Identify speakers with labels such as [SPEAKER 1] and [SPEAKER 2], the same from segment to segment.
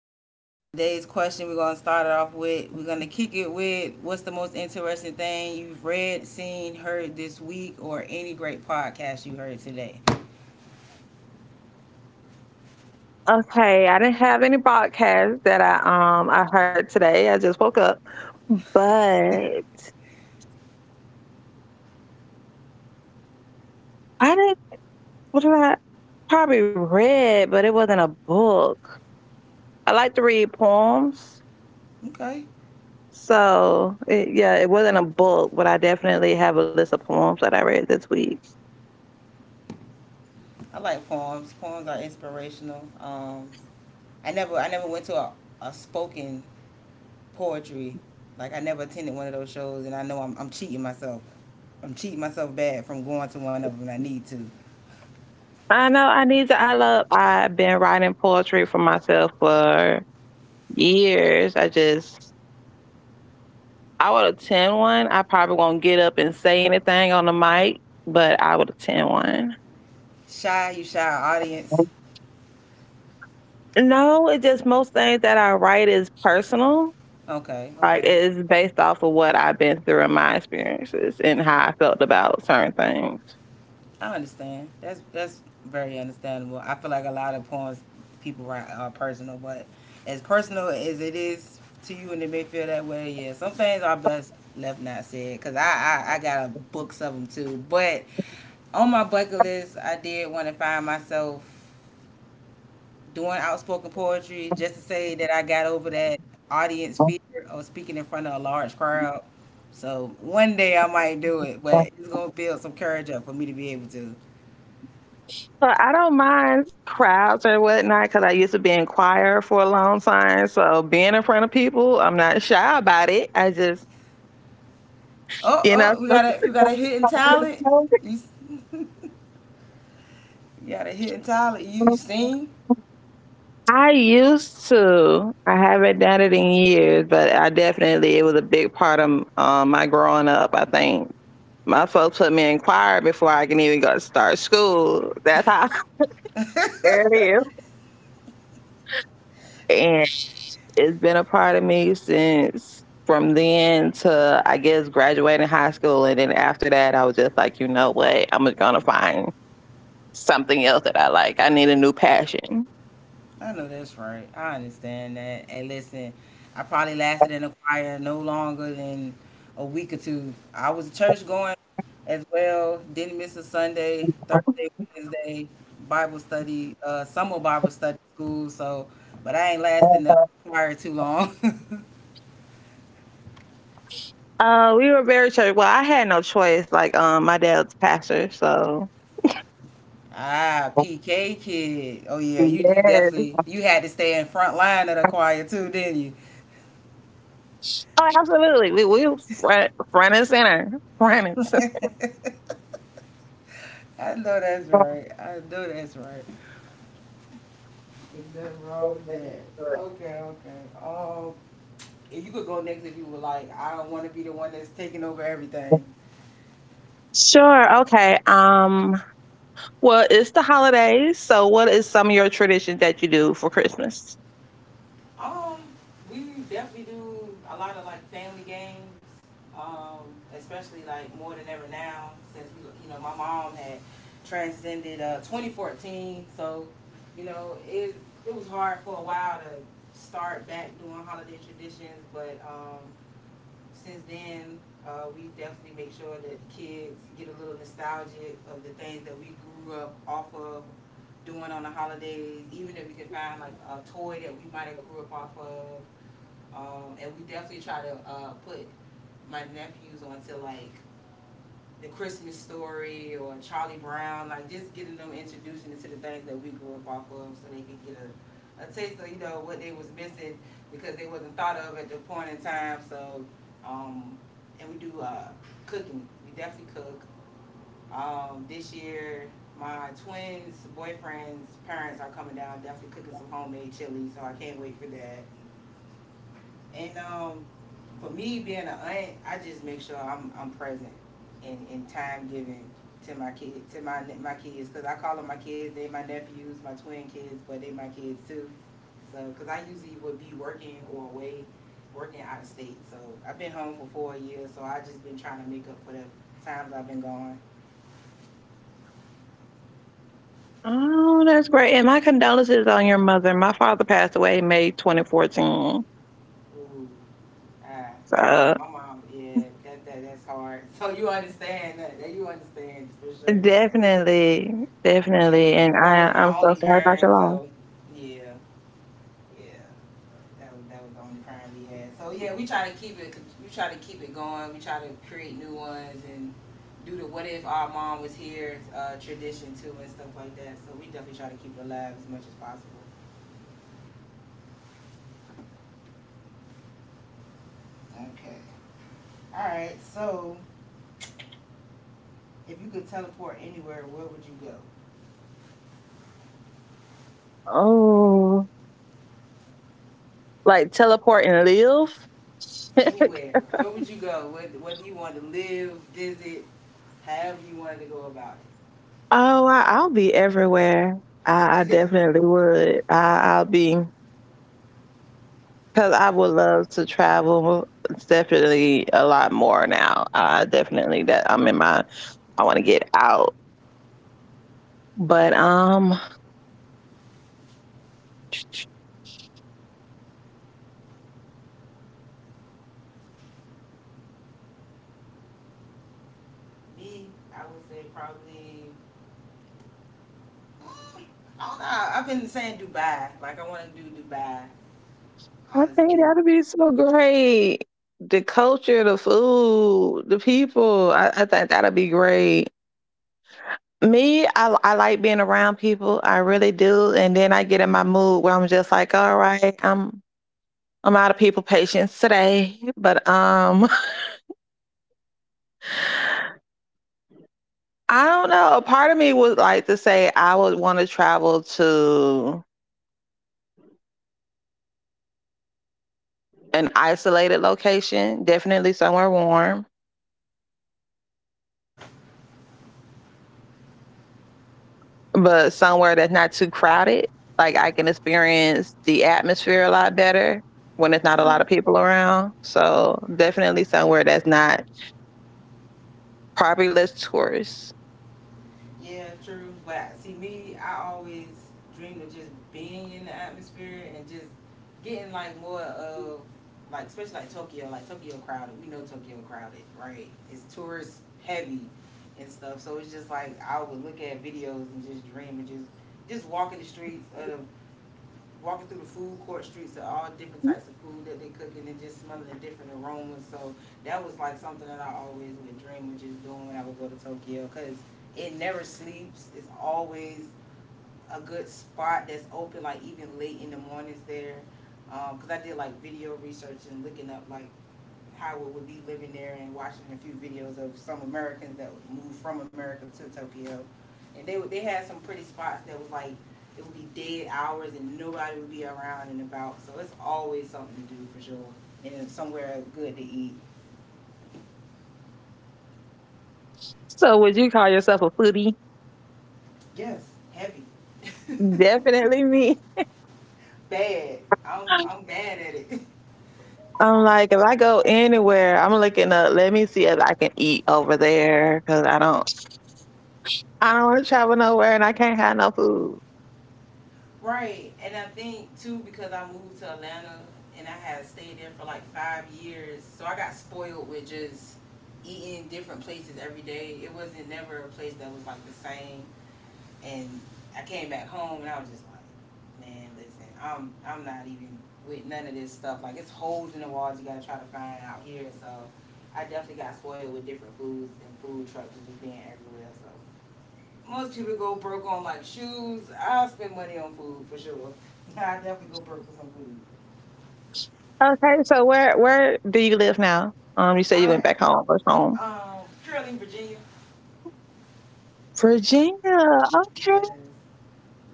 [SPEAKER 1] so today's question, we're gonna start it off with. We're
[SPEAKER 2] Right.
[SPEAKER 1] gonna kick it with what's the most interesting thing you've read, seen, heard this week, or any great podcast you heard today.
[SPEAKER 2] Okay, I didn't have any broadcast that I heard today. I just woke up, but I didn't. What did I probably read? But it wasn't a book. I like to read poems.
[SPEAKER 1] Okay,
[SPEAKER 2] Yeah, it wasn't a book, but I definitely have a list of poems that I read this week.
[SPEAKER 1] I like poems. Poems are inspirational. I never went to a spoken poetry. Like I never attended one of those shows, and I know I'm cheating myself. I'm cheating myself bad from going to one of them. I need to.
[SPEAKER 2] I know I need to. I love. I've been writing poetry for myself for years. I just I would attend one. I probably won't get up and say anything on the mic, but I would attend one.
[SPEAKER 1] Shy, you shy audience.
[SPEAKER 2] No, it's just most things that I write is personal.
[SPEAKER 1] Okay,
[SPEAKER 2] Like
[SPEAKER 1] okay.
[SPEAKER 2] it's based off of what I've been through and my experiences and how I felt about certain things.
[SPEAKER 1] I understand. That's very understandable. I feel like a lot of poems people write are personal, but as personal as it is to you, and it may feel that way. Yeah, some things are best left not said. Cause I got a books of them too. But on my bucket list, I did want to find myself doing outspoken poetry, just to say that I got over that audience fear of speaking in front of a large crowd. So one day I might do it, but it's gonna build some courage up for me to be able to.
[SPEAKER 2] So I don't mind crowds and whatnot because I used to be in choir for a long time. So being in front of people, I'm not shy about it. I just,
[SPEAKER 1] Oh,
[SPEAKER 2] you know.
[SPEAKER 1] oh, we got a you got a hidden talent. You, you got a hidden talent. You sing.
[SPEAKER 2] I used to. I haven't done it in years, but I definitely it was a big part of my growing up. I think my folks put me in choir before I can even go to start school. That's how early and it's been a part of me since from then to I guess graduating high school, and then after that, I was just like, you know what, I'm just gonna find something else that I like. I need a new passion.
[SPEAKER 1] I know that's right. I understand that. And listen, I probably lasted in the choir no longer than a week or 2. I was church going as well. Didn't miss a Sunday, Thursday, Wednesday, Bible study, summer Bible study school. So, but I ain't lasting the choir too long.
[SPEAKER 2] We were very church. Well, I had no choice. Like, my dad's pastor, so
[SPEAKER 1] Ah, PK kid. Oh yeah, you definitely
[SPEAKER 2] yes.
[SPEAKER 1] you had to stay in front line of the choir too, didn't you?
[SPEAKER 2] Oh, absolutely. We were front and center, front and center.
[SPEAKER 1] I know that's right. I know that's right. There's nothing wrong with that. Okay, okay. If you could go next if you would like. I don't want to be the one that's taking over everything.
[SPEAKER 2] Sure. Okay. Well, it's the holidays, so what is some of your traditions that you do for Christmas?
[SPEAKER 1] Um, we definitely do a lot of like family games, um, especially like more than ever now since we, you know, my mom had transcended 2014, so you know it was hard for a while to start back doing holiday traditions, but since then, we definitely make sure that the kids get a little nostalgic of the things that we grew up off of doing on the holidays, even if we could find like a toy that we might have grew up off of. And we definitely try to put my nephews onto like the Christmas story or Charlie Brown, like just getting them introduced into the things that we grew up off of so they could get a taste of, you know, what they was missing because they wasn't thought of at the point in time. So, um, and we do cooking. We definitely cook. This year, my twins' boyfriend's parents are coming down, definitely cooking some homemade chili, so I can't wait for that. And for me being an aunt, I just make sure I'm present and time given to my kid to my kids because I call them my kids. They my nephews, my twin kids, but they my kids too. So because I usually would be working or away, working out of state. So I've been home for 4 years. So I just been trying to make up for the times I've been gone.
[SPEAKER 2] Oh, that's great, and my condolences on your mother. My father passed away May 2014.
[SPEAKER 1] Ooh, ah, yeah,
[SPEAKER 2] So,
[SPEAKER 1] my mom, yeah, that's hard. So you understand that? That you understand for sure, then.
[SPEAKER 2] definitely, definitely,
[SPEAKER 1] And
[SPEAKER 2] and
[SPEAKER 1] that
[SPEAKER 2] I
[SPEAKER 1] was
[SPEAKER 2] I'm
[SPEAKER 1] my
[SPEAKER 2] so
[SPEAKER 1] only
[SPEAKER 2] sorry about your
[SPEAKER 1] parent,
[SPEAKER 2] loss.
[SPEAKER 1] so yeah, yeah, that was the only parent we had. So yeah, we try to keep it going. We try to create new ones and do the what if our mom was here tradition too and stuff like that. So we definitely try to keep it alive as much as possible. Okay. All right. So, if you could teleport anywhere, where would you go?
[SPEAKER 2] Oh, like teleport and live?
[SPEAKER 1] Anywhere, where would you go? Whether you want to live, visit, however you wanted to go about
[SPEAKER 2] Oh, I'll be everywhere. I
[SPEAKER 1] it.
[SPEAKER 2] definitely would. I'll be because I would love to travel. It's definitely a lot more now. I definitely that I'm in my. I want to get out, but
[SPEAKER 1] Me, I would say probably. mm, I don't know. I've been saying Dubai. Like I want to do Dubai.
[SPEAKER 2] I think
[SPEAKER 1] Honestly,
[SPEAKER 2] that'd be so
[SPEAKER 1] um,
[SPEAKER 2] great. The
[SPEAKER 1] Tokyo.
[SPEAKER 2] culture, the
[SPEAKER 1] That's on my bucket list.
[SPEAKER 2] food,
[SPEAKER 1] I
[SPEAKER 2] the
[SPEAKER 1] definitely want to do
[SPEAKER 2] people. I
[SPEAKER 1] Tokyo,
[SPEAKER 2] think that'd be great.
[SPEAKER 1] Greece. Those
[SPEAKER 2] Me,
[SPEAKER 1] three
[SPEAKER 2] I
[SPEAKER 1] places. So
[SPEAKER 2] like
[SPEAKER 1] if
[SPEAKER 2] being
[SPEAKER 1] I could
[SPEAKER 2] around
[SPEAKER 1] definitely
[SPEAKER 2] people. I
[SPEAKER 1] teleport, it'll
[SPEAKER 2] really
[SPEAKER 1] definitely
[SPEAKER 2] do.
[SPEAKER 1] be those
[SPEAKER 2] And
[SPEAKER 1] three
[SPEAKER 2] then I get
[SPEAKER 1] places
[SPEAKER 2] in my
[SPEAKER 1] right there
[SPEAKER 2] mood where I'm
[SPEAKER 1] for sure.
[SPEAKER 2] just like, all
[SPEAKER 1] No
[SPEAKER 2] right,
[SPEAKER 1] questions
[SPEAKER 2] I'm
[SPEAKER 1] asked.
[SPEAKER 2] I'm out of people patience today. But
[SPEAKER 1] No questions asked. Because most of the time now, when I do want to do
[SPEAKER 2] I
[SPEAKER 1] anything,
[SPEAKER 2] don't
[SPEAKER 1] is
[SPEAKER 2] know. Part of me would
[SPEAKER 1] traveling.
[SPEAKER 2] like to say I
[SPEAKER 1] I
[SPEAKER 2] would
[SPEAKER 1] spend
[SPEAKER 2] want to
[SPEAKER 1] money on
[SPEAKER 2] travel
[SPEAKER 1] traveling and spend money on
[SPEAKER 2] to
[SPEAKER 1] food. Those are my two vices that I like to do, and I'm a foodie, so I'm always
[SPEAKER 2] an
[SPEAKER 1] looking for a new
[SPEAKER 2] isolated
[SPEAKER 1] spot to eat
[SPEAKER 2] location,
[SPEAKER 1] at,
[SPEAKER 2] definitely
[SPEAKER 1] out of
[SPEAKER 2] somewhere
[SPEAKER 1] town or in
[SPEAKER 2] warm,
[SPEAKER 1] another country. I'm willing to try stuff.
[SPEAKER 2] but somewhere that's not too crowded. Like I can experience the atmosphere a lot better when there's not a
[SPEAKER 1] True.
[SPEAKER 2] lot of people around. So definitely somewhere that's not probably less tourists.
[SPEAKER 1] Yeah, true. But see, me, I always dreamed of just being in the atmosphere and just getting like more of like especially like Tokyo crowded. We know Tokyo crowded, right? It's tourist heavy and stuff. So it's just like I would look at videos and just dream and just walking through the food court streets of all different types of food that they cooking and just smelling the different aromas. So that was like something that I always would dream of just doing when I would go to Tokyo because it never sleeps. It's always a good spot that's open, like even late in the mornings there. Because I did like video research and looking up like Howard would be living there and watching a few videos of some Americans that moved from America to Tokyo. And they had some pretty spots that was like, it would be dead hours and nobody would be around and about. So it's always something to do for sure. And it's somewhere good to eat.
[SPEAKER 2] So would you call yourself a foodie?
[SPEAKER 1] Yes, heavy.
[SPEAKER 2] Definitely me.
[SPEAKER 1] Bad. I'm bad at it.
[SPEAKER 2] I'm like, if I go anywhere, I'm looking up. Let me see if I can eat over there because I don't want to travel nowhere and I can't have no food.
[SPEAKER 1] Right, and I think too because I moved to Atlanta and I had stayed there for like 5 years, so I got spoiled with just eating different places every day. It wasn't never a place that was like the same. And I came back home and I was just like, man, listen, I'm not even with none of this stuff. Like it's holes in the walls you gotta try to find out here. So I definitely got spoiled with different foods and food trucks just being everywhere. So most people go broke on like shoes. I spend money on food for sure. Nah, I definitely go broke for some food.
[SPEAKER 2] Okay, so where do you live now? You said you went
[SPEAKER 1] I
[SPEAKER 2] back home. What's home?
[SPEAKER 1] um Shirley, Virginia.
[SPEAKER 2] Virginia. Okay.
[SPEAKER 1] Yes.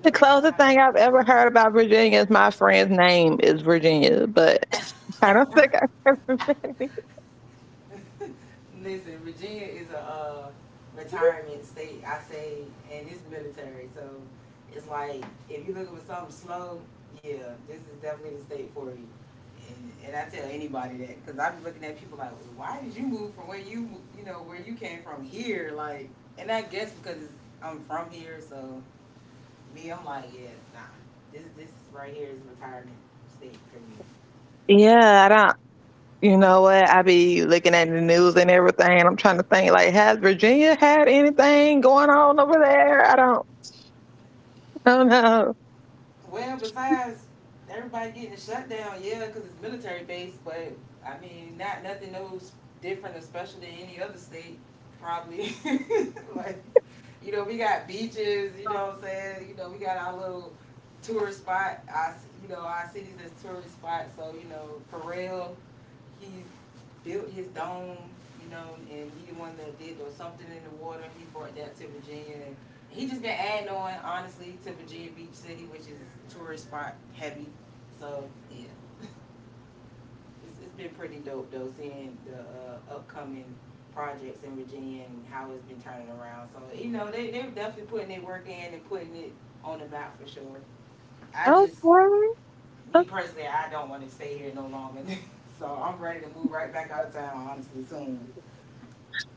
[SPEAKER 2] The
[SPEAKER 1] Yep.
[SPEAKER 2] closest thing I've ever heard about Virginia is my friend's name is Virginia, but I don't
[SPEAKER 1] I
[SPEAKER 2] think I've ever been there.
[SPEAKER 1] Listen, Virginia is a retirement state, I say, and it's military, so it's like if you're looking for something slow, yeah, this is definitely the state for you. And I tell anybody that because I be looking at people like, well, why did you move from where you know where you came from here? Like, and I guess because I'm from here, so me, I'm like, yeah, nah, this right here is retirement state for me.
[SPEAKER 2] Yeah, I don't. You know what? I be looking at the news and everything, and I'm trying to think like, has Virginia had anything going on over there? I don't. I don't know.
[SPEAKER 1] Well, besides everybody getting shut down, yeah, because it's military base, but I mean, not nothing no different or special than any other state, probably. Like, you know, we got beaches, you know what I'm saying? You know, we got our little tourist spot, our, you know, our cities as tourist spots, so, you know, for real he built his dome, you know, and he the one that did there was something in the water. He brought that to Virginia, and he just been adding on honestly to Virginia Beach City, which is tourist spot heavy. So yeah, it's been pretty dope though seeing the upcoming projects in Virginia and how it's been turning around. So you know they're definitely putting their work in and putting it on the map for sure. I just
[SPEAKER 2] Okay.
[SPEAKER 1] me personally, I don't want to stay here no longer. So I'm ready to move right back out of town honestly soon.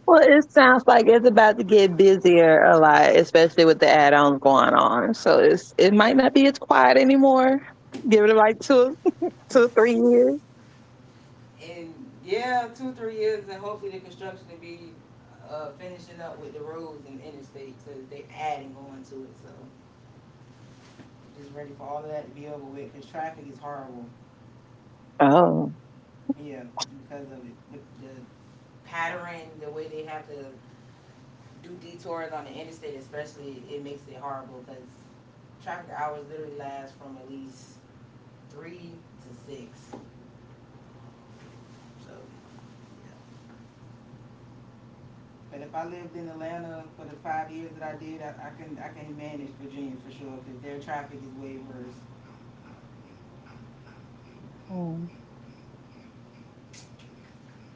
[SPEAKER 2] Well, it sounds like it's about to get busier a lot, especially with the add-ons going on. So it's it might not be as quiet anymore. Give it like two, two, 3 years.
[SPEAKER 1] And yeah, two, 3 years, and hopefully the construction will be finishing up with the roads and interstate because they adding on to it. So just ready for all of that to be over with because traffic is horrible.
[SPEAKER 2] Oh.
[SPEAKER 1] Yeah, because of it. The, the pattern, the way they have to do detours on the interstate, especially, it makes it horrible because traffic hours literally last from at least 3 to 6. So but if I lived in Atlanta for the 5 years that I did, I can manage Virginia for sure because their traffic is way worse.
[SPEAKER 2] Mm.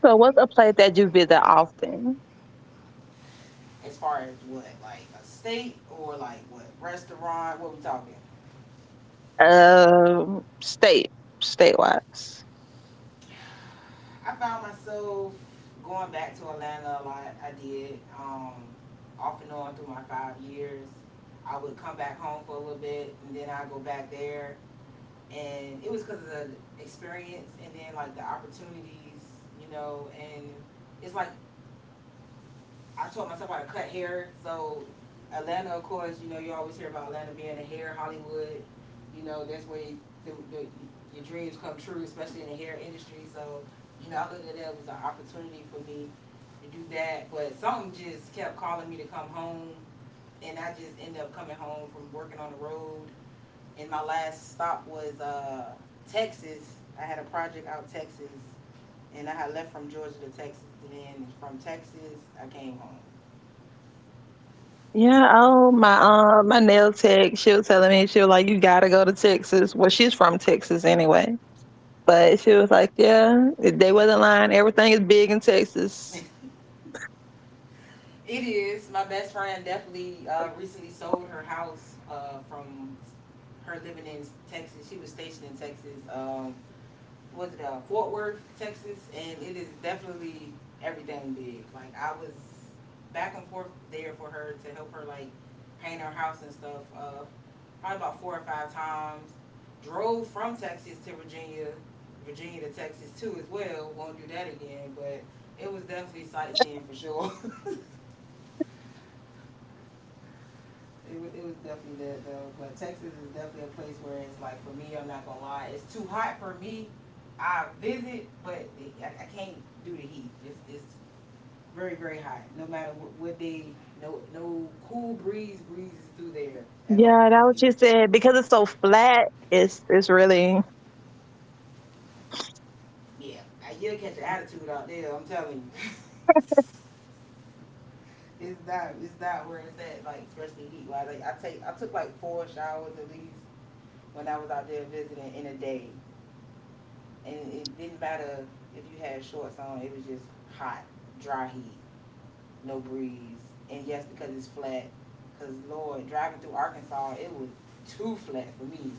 [SPEAKER 2] So what's a place that you visit often?
[SPEAKER 1] As far as what, like a state or like what restaurant? What we talking?
[SPEAKER 2] Um, state, state wise.
[SPEAKER 1] I found myself going back to Atlanta a lot. I did off and on through my 5 years. I would come back home for a little bit and then I go back there. And it was because of the experience and then like the opportunities, you know. And it's like I taught myself how to cut hair. So Atlanta, of course, you know you always hear about Atlanta being the hair Hollywood. You know that's where you, the, the, your dreams come true, especially in the hair industry. So you know I looked at that as an opportunity for me to do that. But something just kept calling me to come home, and I just ended up coming home from working on the road. And my last stop was Texas. I had a project out Texas, and I had left from Georgia to Texas, and then from Texas I came home.
[SPEAKER 2] Yeah. Oh, my my nail tech. She was telling me she was like, "You gotta go to Texas." Well, she's from Texas anyway, but she was like, "Yeah, they wasn't lying. Everything is big in Texas."
[SPEAKER 1] It is. My best friend definitely recently sold her house from her living in Texas. She was stationed in Texas. Was it Fort Worth, Texas? And it is definitely everything big. Like I was back and forth there for her to help her like paint her house and stuff. Probably about 4 or 5 times. Drove from Texas to Virginia, Virginia to Texas too as well. Won't do that again, but it was definitely sightseeing for sure. It was definitely that though, but Texas is definitely a place where it's like, for me, I'm not gonna lie, it's too hot for me. I visit, but I can't do the heat. It's very, very hot, no matter what day, no, no cool breeze breezes through there at all
[SPEAKER 2] Yeah, that
[SPEAKER 1] for
[SPEAKER 2] what
[SPEAKER 1] me.
[SPEAKER 2] she said. Because it's so flat, it's really
[SPEAKER 1] Yeah, you'll catch an attitude out there, I'm telling you. It's not where it's at, like, especially heat wise. Like, I took like 4 showers at least when I was out there visiting in a day. And it didn't matter if you had shorts on. It was just hot, dry heat, no breeze, and yes, because it's flat. Cause Lord, driving through Arkansas, it was too flat for me.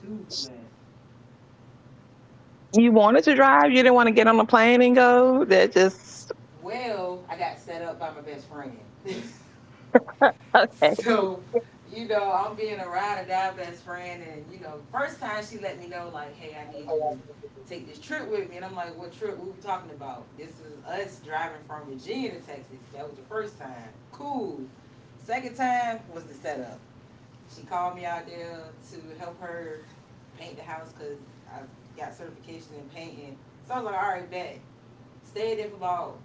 [SPEAKER 1] Too flat.
[SPEAKER 2] you wanted to drive, you didn't want to get on a plane and go. That just
[SPEAKER 1] Well, I got set up by my best friend.
[SPEAKER 2] okay.
[SPEAKER 1] so, you know, I'm being a ride or die best friend. And, you know, first time she let me know, like, hey, I need you to take this trip with me. And I'm like, what trip? What we talking about? This is us driving from Virginia to Texas. That was the first time. Cool. Second time was the setup. She called me out there to help her paint the house because I got certification in painting. So I was like, all right, bet. Stayed there for about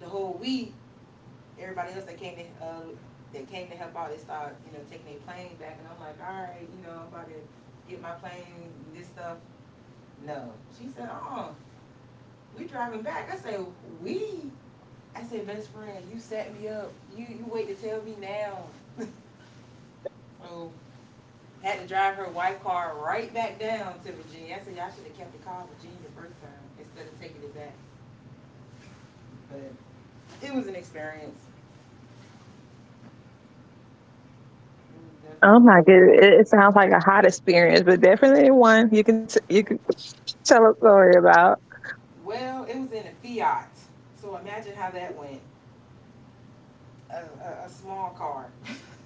[SPEAKER 1] the whole week. Everybody else that came to help out, they started you know taking their plane back, and I'm like, all right, you know, I'm about to get my plane, and this stuff. No, she said, oh, we driving back. I said, we. I said, best friend, you set me up. You wait to tell me now. so Had to drive her white car right back down to Virginia. I said, y'all should have kept the car in Virginia the first time instead of taking it back. But it was an experience. It was
[SPEAKER 2] Oh
[SPEAKER 1] definitely an
[SPEAKER 2] my goodness, it,
[SPEAKER 1] experience.
[SPEAKER 2] it sounds like a hot experience, but definitely one you can you can tell a story about.
[SPEAKER 1] Well, it was in a Fiat. So imagine how that went. A small car.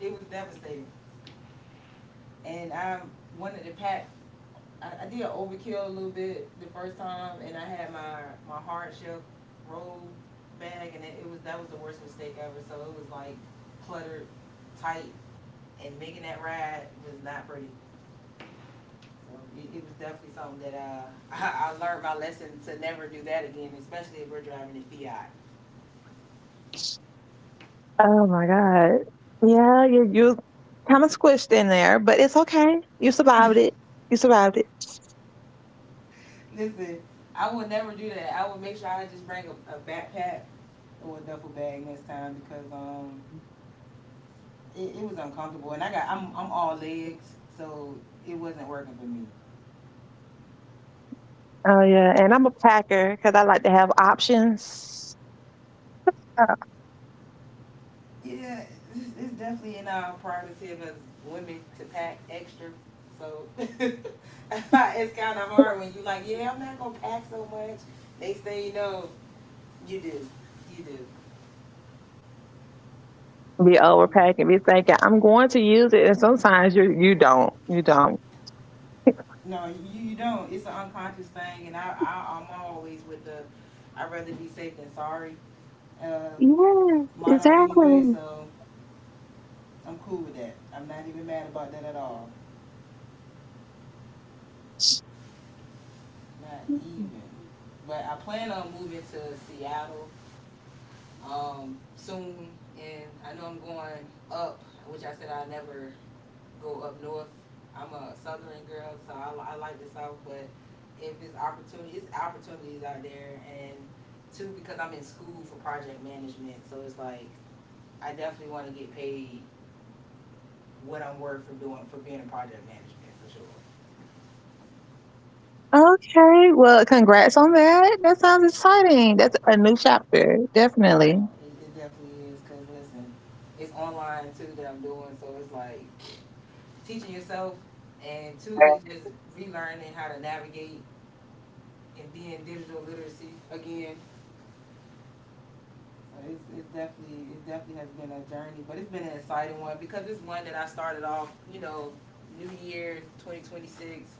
[SPEAKER 1] It was devastating. And I wanted to pack. I did overkill a little bit the first time, and I had my hard shell roll bag, and it was that was the worst mistake ever. So it was like cluttered, tight, and making that ride was not pretty. So it was definitely something that I learned my lesson to never do that again, especially if we're driving a Fiat.
[SPEAKER 2] Oh my god, yeah, you kind of squished in there, but it's okay. You survived it. You survived it.
[SPEAKER 1] Listen, I would never do that. I would make sure I just bring a backpack or a duffel bag next time because it was uncomfortable. And I'm all legs, so it wasn't working for me.
[SPEAKER 2] Oh yeah, and I'm a packer because I like to have options.
[SPEAKER 1] Yeah, it's definitely in our prerogative as women to pack extra. So it's kind of hard when you like, yeah, I'm not gonna pack so much. Next thing you know, you do, you do.
[SPEAKER 2] Be overpacking, be thinking, I'm going to use it. And sometimes you don't. You don't.
[SPEAKER 1] No, you don't. It's an unconscious thing, and I'm always with the I'd rather be safe than sorry uh,
[SPEAKER 2] Yes,
[SPEAKER 1] motto anyway.
[SPEAKER 2] exactly.
[SPEAKER 1] So I'm cool with that. I'm not even mad about that at all. Not even. But I plan on moving to Seattle soon, and I know I'm going up, which I said I never go up north. I'm a southern girl, so I like the south, but if it's opportunity, it's opportunities out there, and two because I'm in school for project management, so it's like I definitely want to get paid what I'm worth for doing for being in project management for sure.
[SPEAKER 2] Okay. Well, congrats on that. That sounds exciting. That's a new chapter. Definitely.
[SPEAKER 1] No, it definitely is because listen, it's online too that I'm doing, so it's like teaching yourself, and two is just relearning how to navigate and being digital literacy again. So it's definitely it definitely has been a journey, but it's been an exciting one because it's one that I started off, you know, New Year 2026.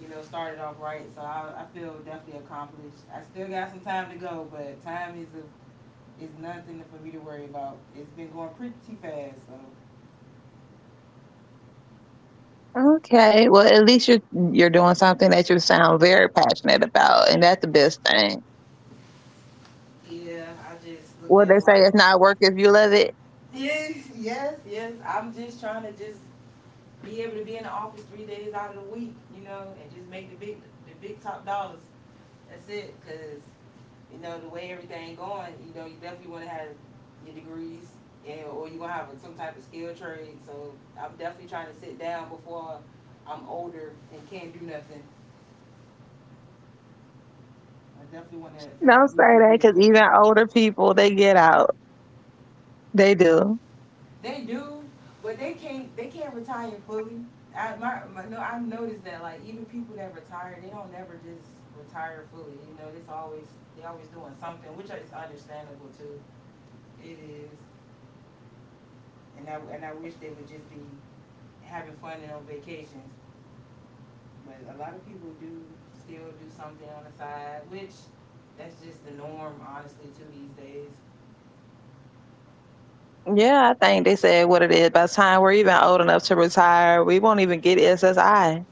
[SPEAKER 1] You know, started off right, so I feel definitely accomplished. I still got some time to go, but time is is nothing for me to worry about. It's been going pretty fast, so
[SPEAKER 2] Okay. Well, at least you're doing something that you sound very passionate about, and that's the best thing.
[SPEAKER 1] yeah, I just looked
[SPEAKER 2] Well,
[SPEAKER 1] at
[SPEAKER 2] they
[SPEAKER 1] it
[SPEAKER 2] say
[SPEAKER 1] like,
[SPEAKER 2] it's not work if you love it.
[SPEAKER 1] yes, yes, yes. I'm just trying to just be able to be in the office 3 days out of the week, you know, and just make the big top dollars. That's it, cause, you know, the way everything going, you know, you definitely wanna have your degrees and, or you gonna have some type of skill trade, so I'm definitely trying to sit down before I'm older and can't do nothing. I definitely wanna
[SPEAKER 2] Don't say
[SPEAKER 1] reap the
[SPEAKER 2] that because even
[SPEAKER 1] benefits.
[SPEAKER 2] older people they get out. They do.
[SPEAKER 1] They do, but they can't. They can't retire fully. I my, my no. I've noticed that like even people that retire, they don't never just retire fully. You know, it's always they always doing something, which is understandable too. It is, and I wish they would just be having fun and on vacations. But a lot of people do still do something on the side, which that's just the norm, honestly, too these days.
[SPEAKER 2] Yeah, I think they said what it is. By the time we're even old enough to retire, we won't even get SSI.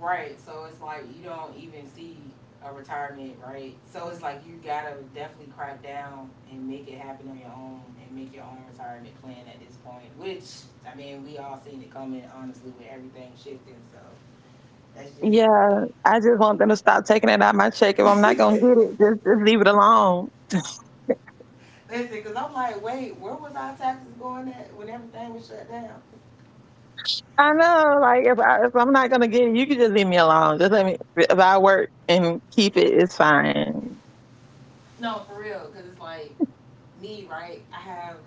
[SPEAKER 1] Right. So it's like you don't even see a retirement, right? So it's like you gotta definitely crack down and make it happen on your own and make your own retirement plan at this point. Which I mean, we all seen it coming, honestly, with everything shifting. So that's just
[SPEAKER 2] Yeah, I just want them to stop taking it out of my check. If I'm not gonna get it, just leave it alone.
[SPEAKER 1] listen, because I'm like, wait, where was our taxes going at when everything was shut down?
[SPEAKER 2] I know, like if I'm not gonna get it, you can just leave me alone. Just let me. If I work and keep it, it's fine.
[SPEAKER 1] No, for real, because it's like me, right? I have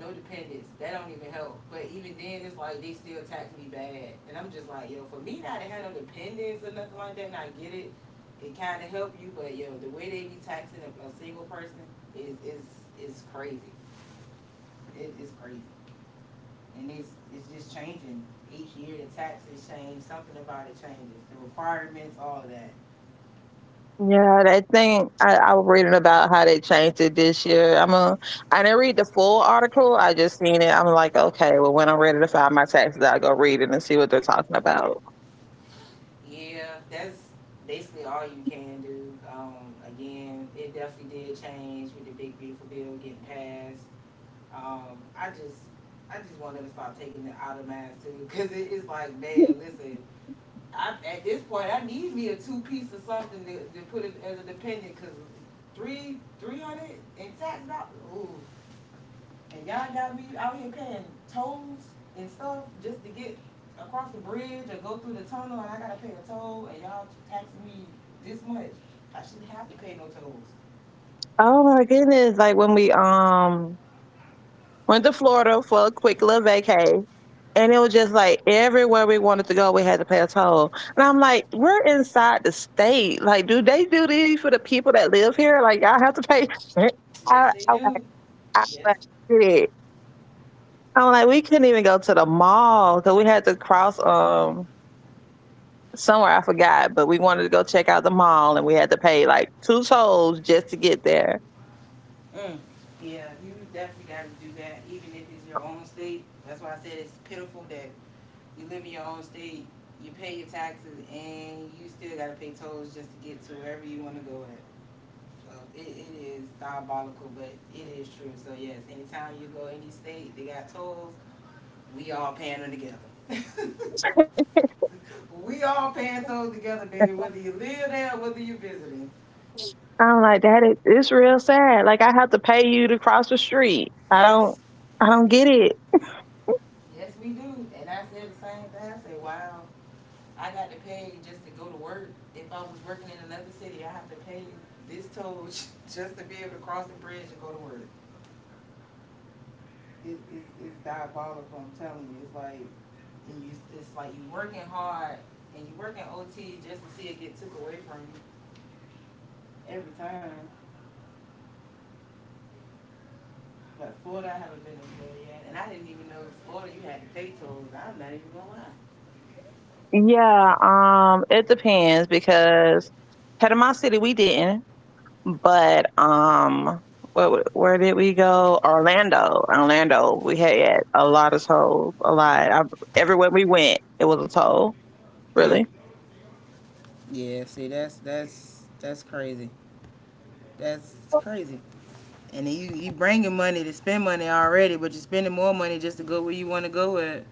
[SPEAKER 1] no dependents. That don't even help. But even then, it's like they still tax me bad, and I'm just like, yo, for me not to have no dependents or nothing like that, and I get it. It kind of help you, but yo, the way they be taxing a single person is is crazy. It is crazy, and it's just changing each year. The taxes change. Something about it changes. The requirements, all of that.
[SPEAKER 2] Yeah, that thing I was reading about how they changed it this year. I'm I didn't read the full article. I just seen it. I'm like, okay, well, when I'm ready to file my taxes, I'll go read it and see what they're talking about.
[SPEAKER 1] Yeah, that's basically all you can do. Again, it definitely did change with the big beautiful bill getting passed. Um, I just, I just want them to start taking it out of mine too, cause it is like, man, listen, I at this point I need me a two piece or something to put it as a dependent, cause 300 in tax dollars, ooh, and y'all got me out here paying tolls and stuff just to get across the bridge or go through the tunnel, and I gotta pay a toll, and y'all taxing me this much. I shouldn't have to pay no tolls.
[SPEAKER 2] Oh my goodness. Like when we went to Florida for a quick little vacay and it was just like everywhere we wanted to go we had to pay a toll. And I'm like, we're inside the state. Like, do they do these for the people that live here? Like y'all have to pay
[SPEAKER 1] Yes,
[SPEAKER 2] I
[SPEAKER 1] they
[SPEAKER 2] I like
[SPEAKER 1] do.
[SPEAKER 2] I like,
[SPEAKER 1] Yes.
[SPEAKER 2] did it. I'm like, we couldn't even go to the mall because we had to cross somewhere I forgot, but we wanted to go check out the mall and we had to pay like two tolls just to get there.
[SPEAKER 1] Mm. Yeah, you definitely got to do that, even if it's your own state. That's why I said it's pitiful that you live in your own state, you pay your taxes, and you still got to pay tolls just to get to wherever you want to go at. So it is diabolical, but it is true. So yes, anytime you go any state, they got tolls. We all paying them together. We all paying tolls together, baby. Whether you live there, or whether you're visiting.
[SPEAKER 2] I'm like, that is it's real sad. Like I have to pay you to cross the street.
[SPEAKER 1] Yes,
[SPEAKER 2] I don't get it.
[SPEAKER 1] yes, we do. And I said the same thing. I said, wow. I got to pay just to go to work. If I was working in another city, I have to pay this toll just to be able to cross the bridge and go to work. It's diabolical, I'm telling you. It's like, and you, it's like you working hard and you working OT just to see it get took away from you every time. But Florida, I haven't been to Florida yet, and I didn't even know in Florida you had to pay tolls. I'm not even gonna
[SPEAKER 2] Yeah, it depends because head of my city we didn't, but what where did we go? Orlando. Orlando. We had a lot of tolls, a lot. I, everywhere we went, it was a toll,
[SPEAKER 1] lie. Mm.
[SPEAKER 2] really.
[SPEAKER 1] Yeah, see, that's crazy. That's crazy. And then you bringing money to spend money already, but you're spending more money just to go where you want to go at.